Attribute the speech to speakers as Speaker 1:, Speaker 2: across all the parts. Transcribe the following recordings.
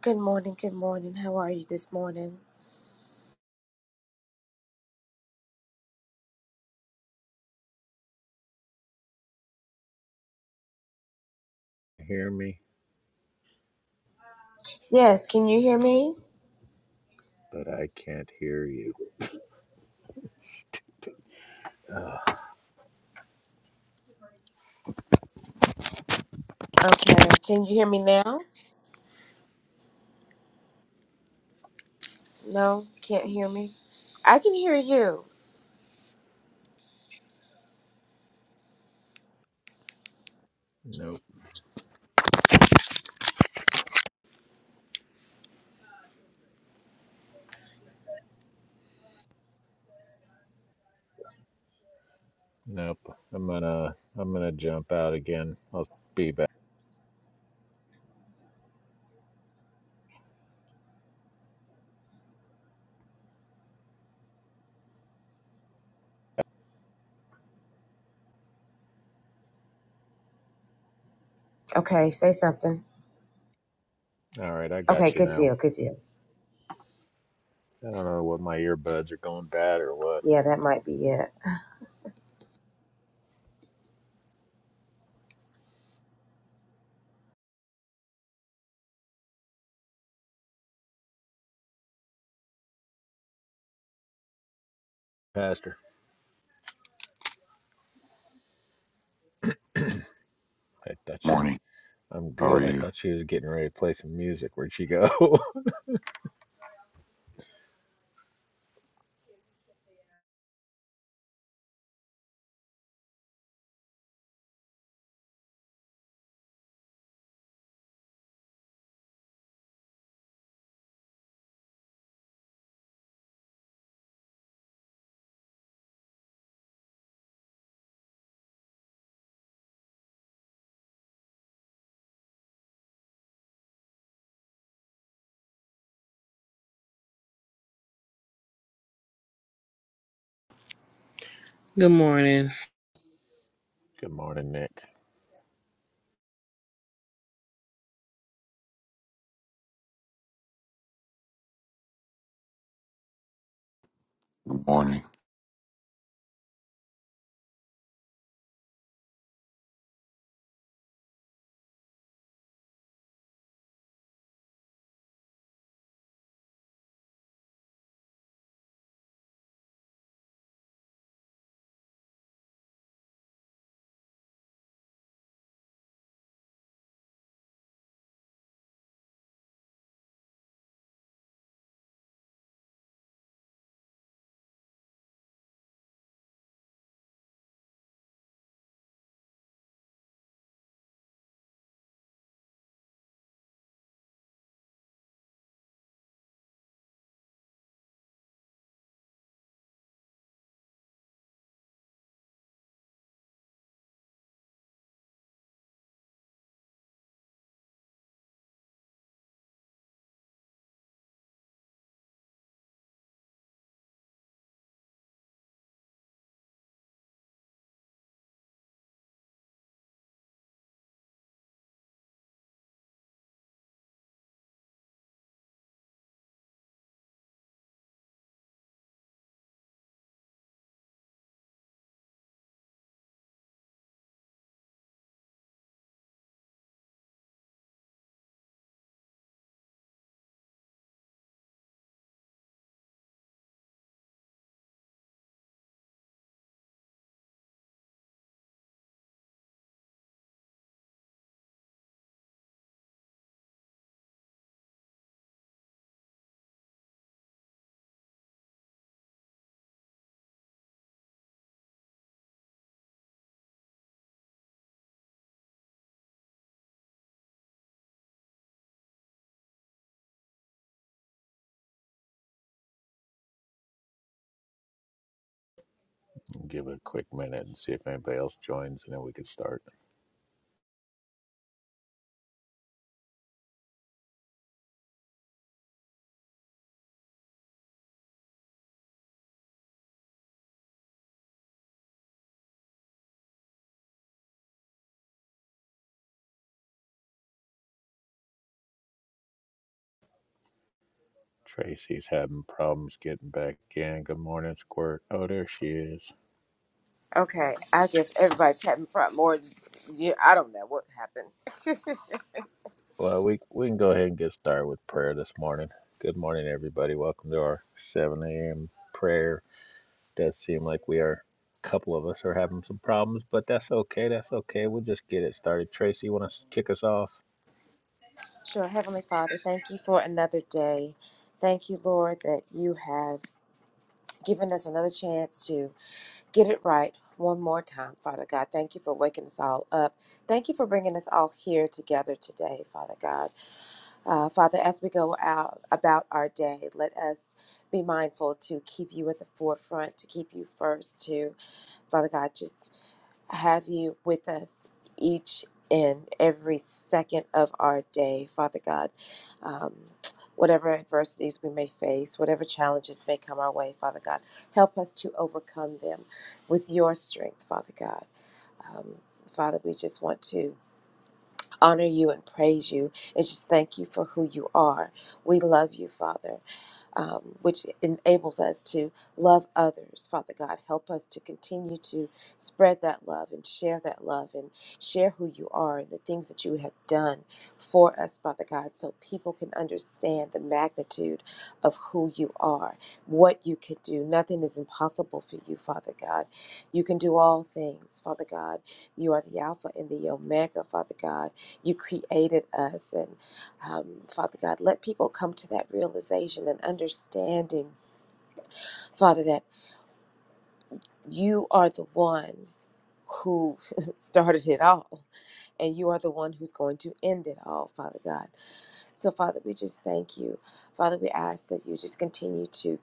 Speaker 1: Good morning, good morning. How are you this morning?
Speaker 2: hear me,
Speaker 1: Yes, can you hear me?
Speaker 2: but I can't hear you. St- uh,
Speaker 1: Okay, can you hear me now? No, can't hear me. I can hear you.
Speaker 2: nope, nope. I'm gonna I'm gonna jump out again. I'll be back.
Speaker 1: Okay, say something.
Speaker 2: All right, I
Speaker 1: Okay,
Speaker 2: got you
Speaker 1: good
Speaker 2: now.
Speaker 1: deal, good deal.
Speaker 2: I don't know what my earbuds are going bad or what.
Speaker 1: Yeah, that might be it.
Speaker 2: Pastor, I thought she.
Speaker 3: Morning.
Speaker 2: I'm
Speaker 3: How are
Speaker 2: good. I
Speaker 3: you?
Speaker 2: thought she was getting ready to play some music. Where'd she go?
Speaker 4: Good morning.
Speaker 2: good morning, Nick.
Speaker 3: Good morning.
Speaker 2: I'll give it a quick minute and see if anybody else joins, and then we can start. Tracy's having problems getting back in. Good morning, Squirt. Oh, there she is.
Speaker 1: Okay, I guess everybody's having problems. More, yeah, I don't know what happened.
Speaker 2: Well, we we can go ahead and get started with prayer this morning. Good morning, everybody. Welcome to our 7 a.m. prayer. Does seem like we are a couple of us are having some problems, but that's okay. That's okay. We'll just get it started. Tracy, you want to kick us off?
Speaker 1: sure, Heavenly Father, thank you for another day. Thank you, Lord, that you have given us another chance to get it right one more time, Father God. Thank you for waking us all up. Thank you for bringing us all here together today, Father God. Uh, Father, as we go out about our day, let us be mindful to keep you at the forefront, to keep you first, to, Father God, just have you with us each and every second of our day, Father God. Um, whatever adversities we may face, whatever challenges may come our way, Father God, help us to overcome them with your strength, Father God. Um, Father, we just want to honor you and praise you and just thank you for who you are. We love you, Father um, which enables us to love others. Father God, help us to continue to spread that love and share that love and share who you are and the things that you have done for us, Father God, so people can understand the magnitude of who you are, what you can do. Nothing is impossible for you, Father God. You can do all things, Father God. You are the Alpha and the Omega, Father God. You created us and um, Father God, let people come to that realization and understanding, Father, that you are the one who started it all and you are the one who's going to end it all, Father God. So, Father, we just thank you. Father, we ask that you just continue to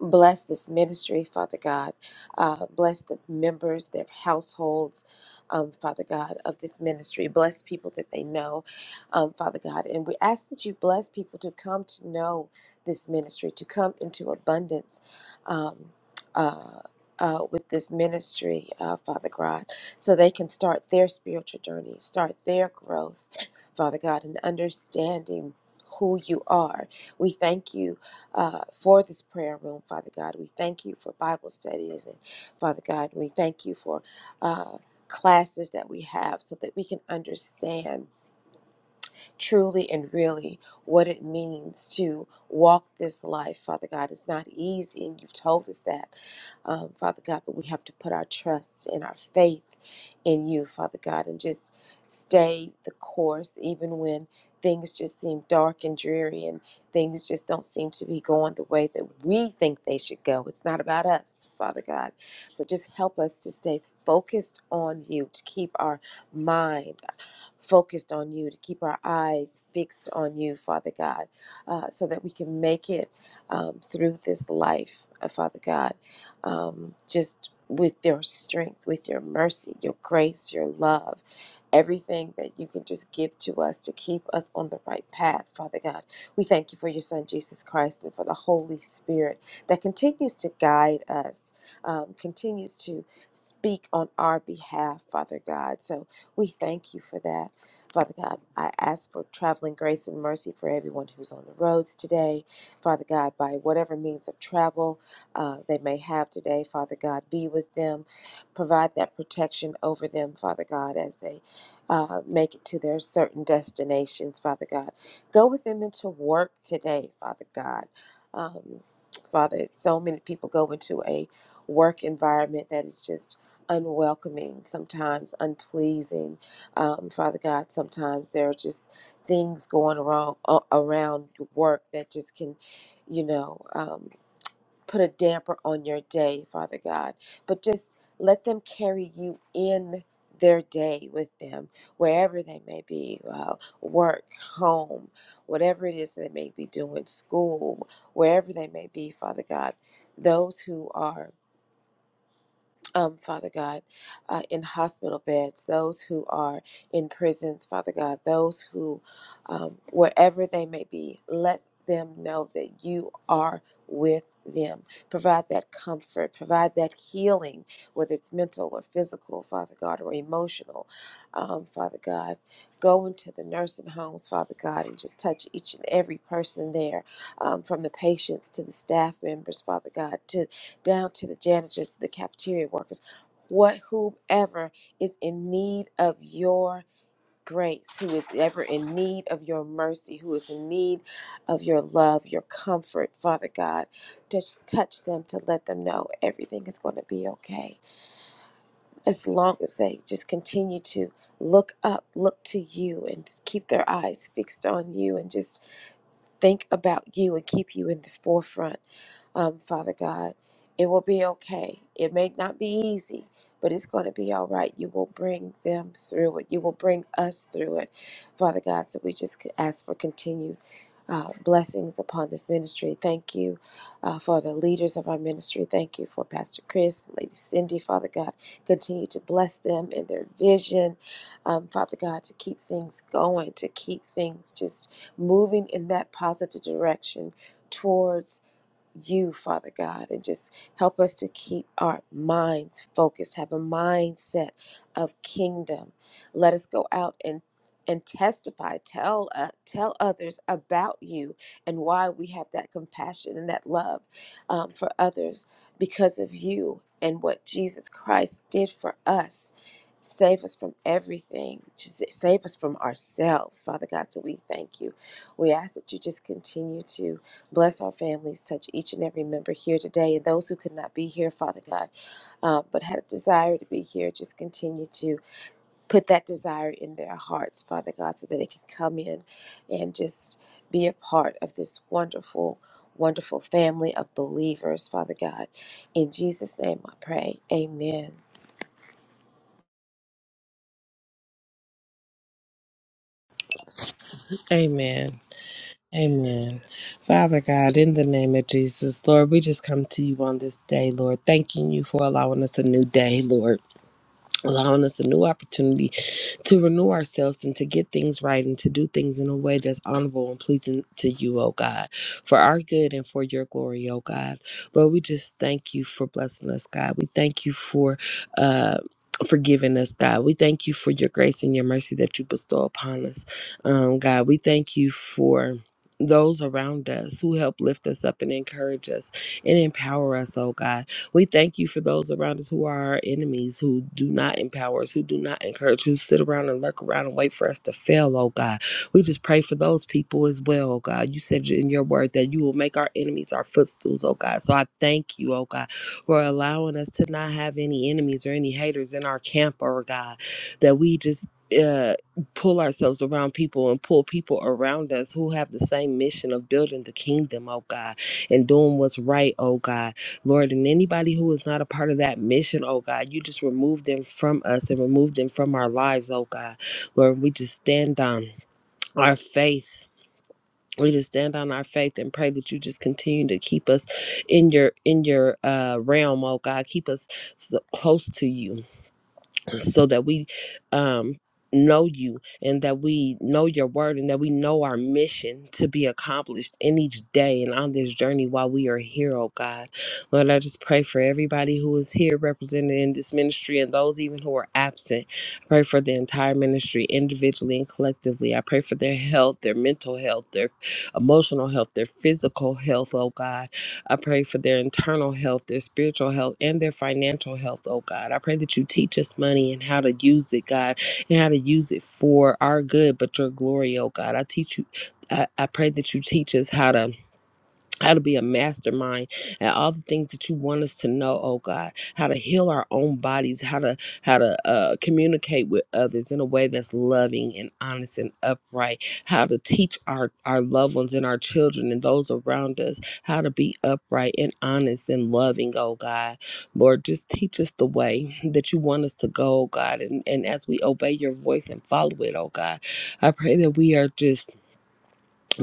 Speaker 1: Bless this ministry, Father God. Uh, bless the members, their households, um, Father God, of this ministry. Bless people that they know, um, Father God. And we ask that you bless people to come to know this ministry, to come into abundance. Um, uh, uh, with this ministry, uh, Father God, so they can start their spiritual journey, start their growth, Father God, and understanding who you are. We thank you uh, for this prayer room, Father God. We thank you for Bible studies, and Father God, we thank you for uh, classes that we have so that we can understand truly and really what it means to walk this life, Father God. It's not easy, and you've told us that, um, Father God, but we have to put our trust and our faith in you, Father God, and just stay the course, even when things just seem dark and dreary and things just don't seem to be going the way that we think they should go. It's not about us, Father God. So just help us to stay focused on you, to keep our mind focused on you, to keep our eyes fixed on you, Father God, uh, so that we can make it um, through this life, uh, Father God, um, just with your strength, with your mercy, your grace, your love. Everything that you can just give to us to keep us on the right path, Father God. We thank you for your Son, Jesus Christ, and for the Holy Spirit that continues to guide us, um, continues to speak on our behalf, Father God. So we thank you for that. Father God, I ask for traveling grace and mercy for everyone who's on the roads today. Father God, by whatever means of travel uh, they may have today, Father God, be with them. Provide that protection over them, Father God, as they uh, make it to their certain destinations, Father God. Go with them into work today, Father God. Um, Father, so many people go into a work environment that is just unwelcoming, sometimes unpleasing. Um, Father God, sometimes there are just things going around uh, around work that just can, you know, um, put a damper on your day, Father God. But just let them carry you in their day with them, wherever they may be, uh, work, home, whatever it is they may be doing, school, wherever they may be, Father God. Those who are um, Father God, uh, in hospital beds, those who are in prisons, Father God, those who, um, wherever they may be, let them know that you are with them. Provide that comfort, provide that healing, whether it's mental or physical, Father God, or emotional, um, Father God. Go into the nursing homes, Father God, and just touch each and every person there, um, from the patients to the staff members, Father God, to down to the janitors, to the cafeteria workers, what whomever is in need of your grace, who is ever in need of your mercy, who is in need of your love, your comfort, Father God, just touch them to let them know everything is going to be okay. As long as they just continue to look up, look to you, and keep their eyes fixed on you, and just think about you and keep you in the forefront, um, Father God. It will be okay. It may not be easy, but it's going to be all right. You will bring them through it. You will bring us through it, Father God. So we just ask for continued uh, blessings upon this ministry. Thank you uh, for the leaders of our ministry. Thank you for Pastor Chris, Lady Cindy, Father God. Continue to bless them in their vision, um, Father God, to keep things going, to keep things just moving in that positive direction towards you, Father God, and just help us to keep our minds focused, have a mindset of kingdom. Let us go out and and testify, tell uh, tell others about you and why we have that compassion and that love um, for others because of you and what Jesus Christ did for us. Save us from everything. Just save us from ourselves, Father God. So we thank you. We ask that you just continue to bless our families, touch each and every member here today, and those who could not be here, Father God, uh, but had a desire to be here, just continue to put that desire in their hearts, Father God, so that they can come in and just be a part of this wonderful, wonderful family of believers, Father God. In Jesus' name I pray. Amen.
Speaker 4: Amen.
Speaker 2: Amen.
Speaker 4: Amen. Father God, in the name of Jesus, Lord, we just come to you on this day, Lord, thanking you for allowing us a new day, Lord. allowing us a new opportunity to renew ourselves and to get things right and to do things in a way that's honorable and pleasing to you, oh God, for our good and for your glory, oh God. Lord, we just thank you for blessing us, God. We thank you for uh Forgiving us, God. We thank you for your grace and your mercy that you bestow upon us. Um, God, we thank you for those around us who help lift us up and encourage us and empower us, oh God. We thank you for those around us who are our enemies, who do not empower us, who do not encourage, who sit around and lurk around and wait for us to fail, oh God. We just pray for those people as well, oh God. You said in your word that you will make our enemies our footstools, oh God. So I thank you, oh God, for allowing us to not have any enemies or any haters in our camp, oh God, that we just uh pull ourselves around people and pull people around us who have the same mission of building the kingdom oh god and doing what's right oh god Lord, and anybody who is not a part of that mission, oh God, you just remove them from us and remove them from our lives, oh God. Lord, we just stand on our faith. We just stand on our faith and pray that you just continue to keep us in your in your uh, realm, oh God. Keep us so close to you so that we um know you and that we know your word and that we know our mission to be accomplished in each day and on this journey while we are here oh god lord i just pray for everybody who is here represented in this ministry and those even who are absent i pray for the entire ministry individually and collectively i pray for their health their mental health their emotional health their physical health oh god I pray for their internal health, their spiritual health, and their financial health, oh God. I pray that you teach us money and how to use it, God, and how to use it for our good, but your glory, oh God. I teach you, I, I pray that you teach us how to how to be a mastermind and all the things that you want us to know oh god how to heal our own bodies how to how to uh, communicate with others in a way that's loving and honest and upright how to teach our our loved ones and our children and those around us how to be upright and honest and loving oh god lord just teach us the way that you want us to go oh god and and as we obey your voice and follow it oh god i pray that we are just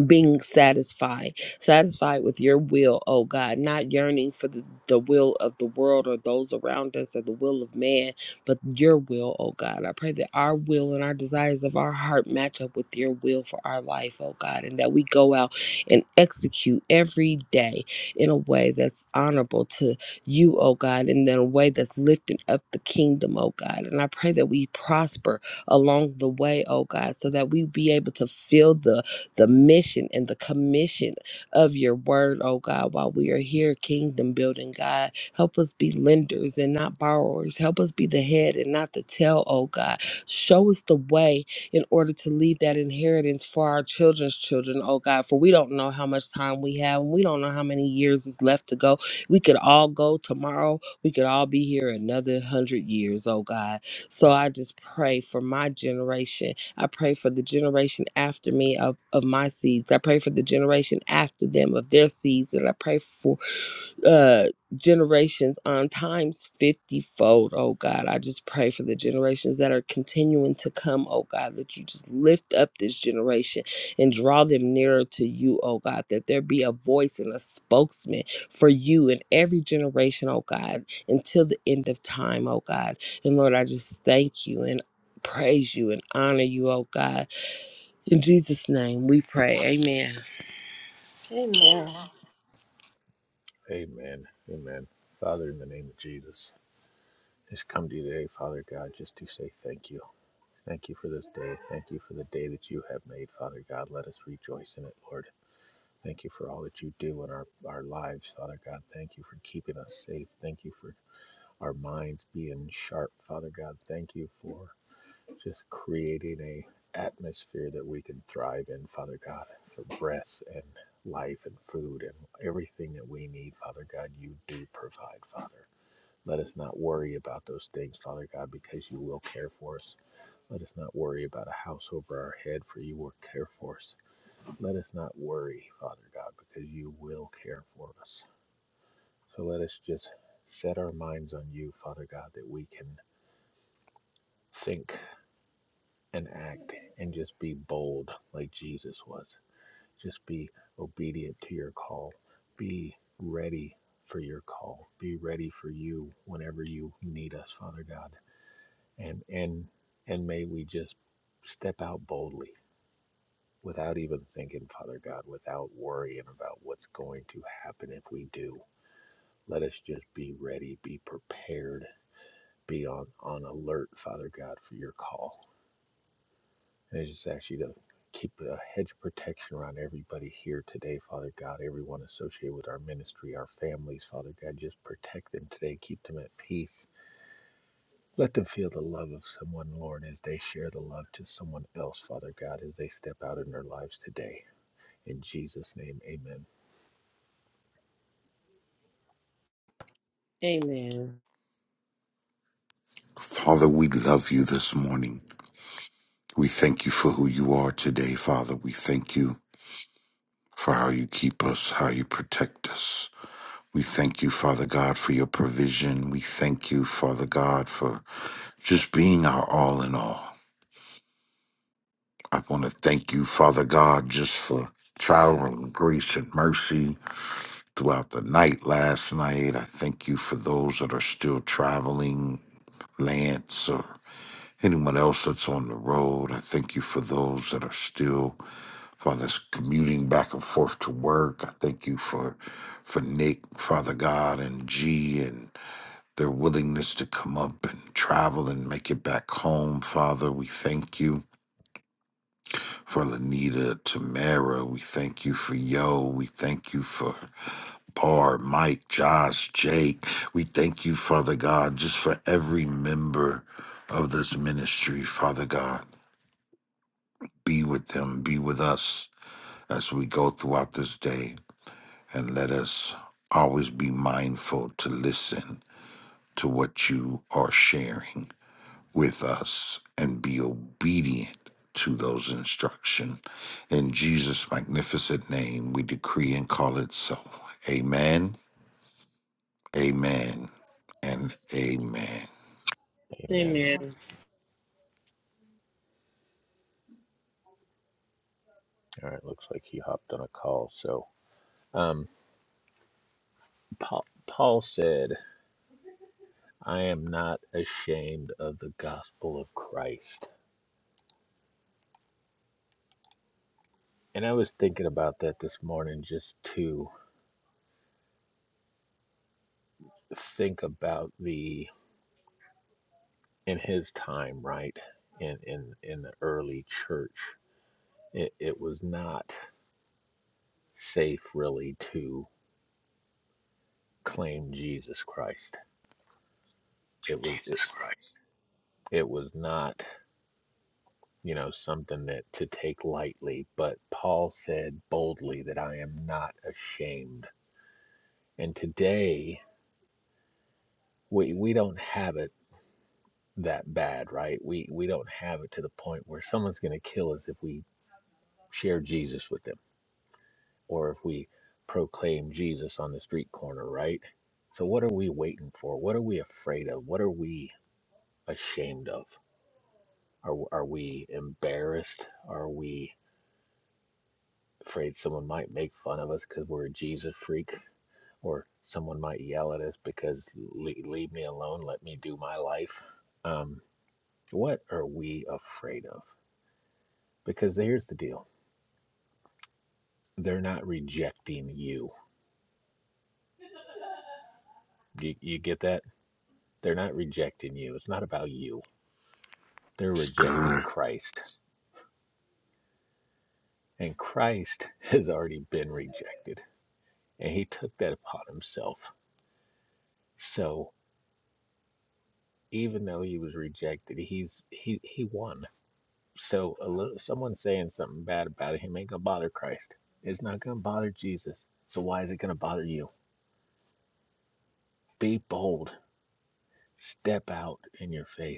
Speaker 4: being satisfied, satisfied with your will, oh God, not yearning for the, the will of the world or those around us or the will of man, but your will, oh God. I pray that our will and our desires of our heart match up with your will for our life, oh God, and that we go out and execute every day in a way that's honorable to you, oh God, and in a way that's lifting up the kingdom, oh God. And I pray that we prosper along the way, oh God, so that we be able to feel the the mission and the commission of your word, oh God, while we are here, kingdom building, God. Help us be lenders and not borrowers. Help us be the head and not the tail, oh God. Show us the way in order to leave that inheritance for our children's children, oh God. For we don't know how much time we have and we don't know how many years is left to go. We could all go tomorrow. We could all be here another hundred years, oh God. So I just pray for my generation I pray for the generation after me of, of my seeds. I pray for the generation after them of their seeds. And I pray for uh generations on times 50 fold oh god i just pray for the generations that are continuing to come oh god that you just lift up this generation and draw them nearer to you oh god that there be a voice and a spokesman for you in every generation oh god until the end of time oh god and lord i just thank you and praise you and honor you oh god in jesus name we pray amen
Speaker 1: Amen.
Speaker 2: Amen. Amen. Father, in the name of Jesus, just come to you today, Father God, just to say thank you. Thank you for this day. Thank you for the day that you have made, Father God. Let us rejoice in it, Lord. Thank you for all that you do in our, our lives, Father God. Thank you for keeping us safe. Thank you for our minds being sharp, Father God. Thank you for just creating a atmosphere that we can thrive in, Father God, for breath and life and food and everything that we need, Father God, you do provide, Father. Let us not worry about those things, Father God, because you will care for us. Let us not worry about a house over our head, for you will care for us. Let us not worry, Father God, because you will care for us. So let us just set our minds on you, Father God, that we can think and act and just be bold like Jesus was. Just be obedient to your call. Be ready for your call. Be ready for you whenever you need us, Father God. And and and may we just step out boldly without even thinking, Father God, without worrying about what's going to happen if we do Let us just be ready, be prepared, be on, on alert, Father God, for your call. And I just ask you to keep a hedge of protection around everybody here today, Father God, everyone associated with our ministry, our families, Father God. Just protect them today, keep them at peace. Let them feel the love of someone, Lord, as they share the love to someone else, Father God, as they step out in their lives today. In Jesus' name, amen.
Speaker 4: amen
Speaker 3: Father, we love you this morning. We thank you for who you are today, Father. We thank you for how you keep us, how you protect us. We thank you, Father God, for your provision. We thank you, Father God, for just being our all in all. I want to thank you, Father God, just for traveling grace and mercy throughout the night last night. I thank you for those that are still traveling, Lance Anyone else that's on the road, I thank you for those that are still, Father, that's commuting back and forth to work. I thank you for for Nick, Father God, and G, and their willingness to come up and travel and make it back home. Father, we thank you for Lanita, Tamara. We thank you for Yo. We thank you for Bar, Mike, Josh, Jake. We thank you, Father God, just for every member of this ministry, Father God. Be with them, be with us as we go throughout this day, and let us always be mindful to listen to what you are sharing with us and be obedient to those instructions. In Jesus' magnificent name, we decree and call it so. Amen, amen, and amen.
Speaker 1: Amen.
Speaker 2: Amen.
Speaker 4: Amen.
Speaker 2: All right, looks like he hopped on a call. So, um, Paul, Paul said, I am not ashamed of the gospel of Christ. And I was thinking about that this morning just to think about the in his time, right? In in in the early church, it, it was not safe really to claim Jesus Christ. It was it, it was not you know something that to take lightly but paul said boldly that i am not ashamed and today we we don't have it that bad, right? We we don't have it to the point where someone's going to kill us if we share Jesus with them or if we proclaim Jesus on the street corner, right? So what are we waiting for? What are we afraid of? What are we ashamed of? Are are we embarrassed? Are we afraid someone might make fun of us cuz we're a Jesus freak or someone might yell at us because "Le- leave me alone, let me do my life? Um what are we afraid of? Because here's the deal. they're not rejecting you. you. You get that? They're not rejecting you. It's not about you. They're
Speaker 3: It's
Speaker 2: rejecting
Speaker 3: good.
Speaker 2: Christ. And Christ has already been rejected. And he took that upon himself. So even though he was rejected, he's he he won. So a little, someone saying something bad about him ain't gonna bother Christ. It's not gonna bother Jesus. So why is it gonna bother you? Be bold. Step out in your faith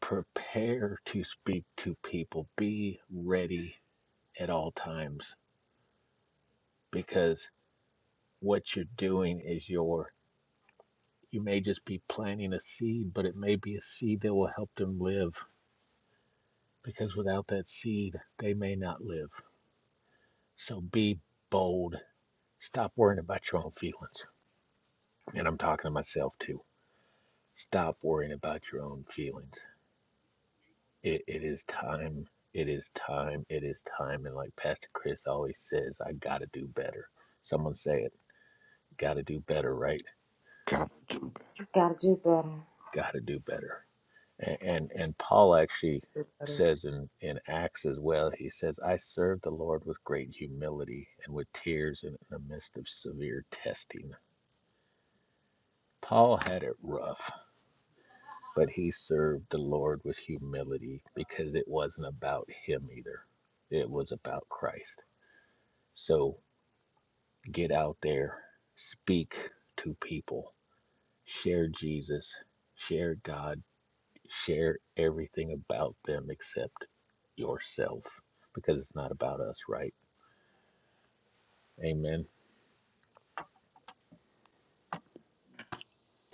Speaker 2: prepare to speak to people. Be ready at all times because what you're doing is your, you may just be planting a seed, but it may be a seed that will help them live because without that seed, they may not live. So be bold. Stop worrying about your own feelings. And I'm talking to myself too. Stop worrying about your own feelings. It, it is time. It is time. It is time. And like Pastor Chris always says, I got to do better. Someone say it. Got to do better, right?
Speaker 3: God, do better.
Speaker 1: Gotta do better.
Speaker 2: Got to do better. And, and and Paul actually says in in Acts as well. He says, "I served the Lord with great humility and with tears in the midst of severe testing." Paul had it rough, but he served the Lord with humility because it wasn't about him either. It was about Christ. So Get out there, speak to people, share Jesus, share God, share everything about them except yourself because it's not about us, right? Amen.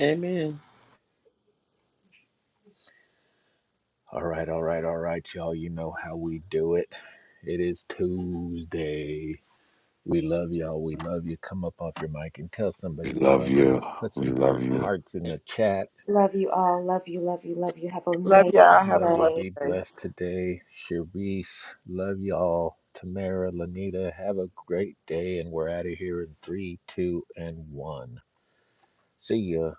Speaker 4: Amen.
Speaker 2: All right, all right, all right, y'all. You know how we do it. It is Tuesday. We love y'all. We love you. Come up off your mic and tell
Speaker 3: We
Speaker 2: somebody you
Speaker 3: love
Speaker 2: love them.
Speaker 3: you.
Speaker 2: Put
Speaker 3: We
Speaker 2: some
Speaker 3: love
Speaker 2: hearts
Speaker 3: you.
Speaker 2: in the chat
Speaker 1: Love you all. Love you, love you, love you. Have a
Speaker 4: Love
Speaker 1: amazing
Speaker 4: y'all. Have a
Speaker 2: Love you.
Speaker 4: blessed
Speaker 1: day.
Speaker 2: Be
Speaker 4: day.
Speaker 2: blessed today. Sharice, love y'all. Tamara, Lanita, have a great day. And we're out of here in three, two, and one. See ya.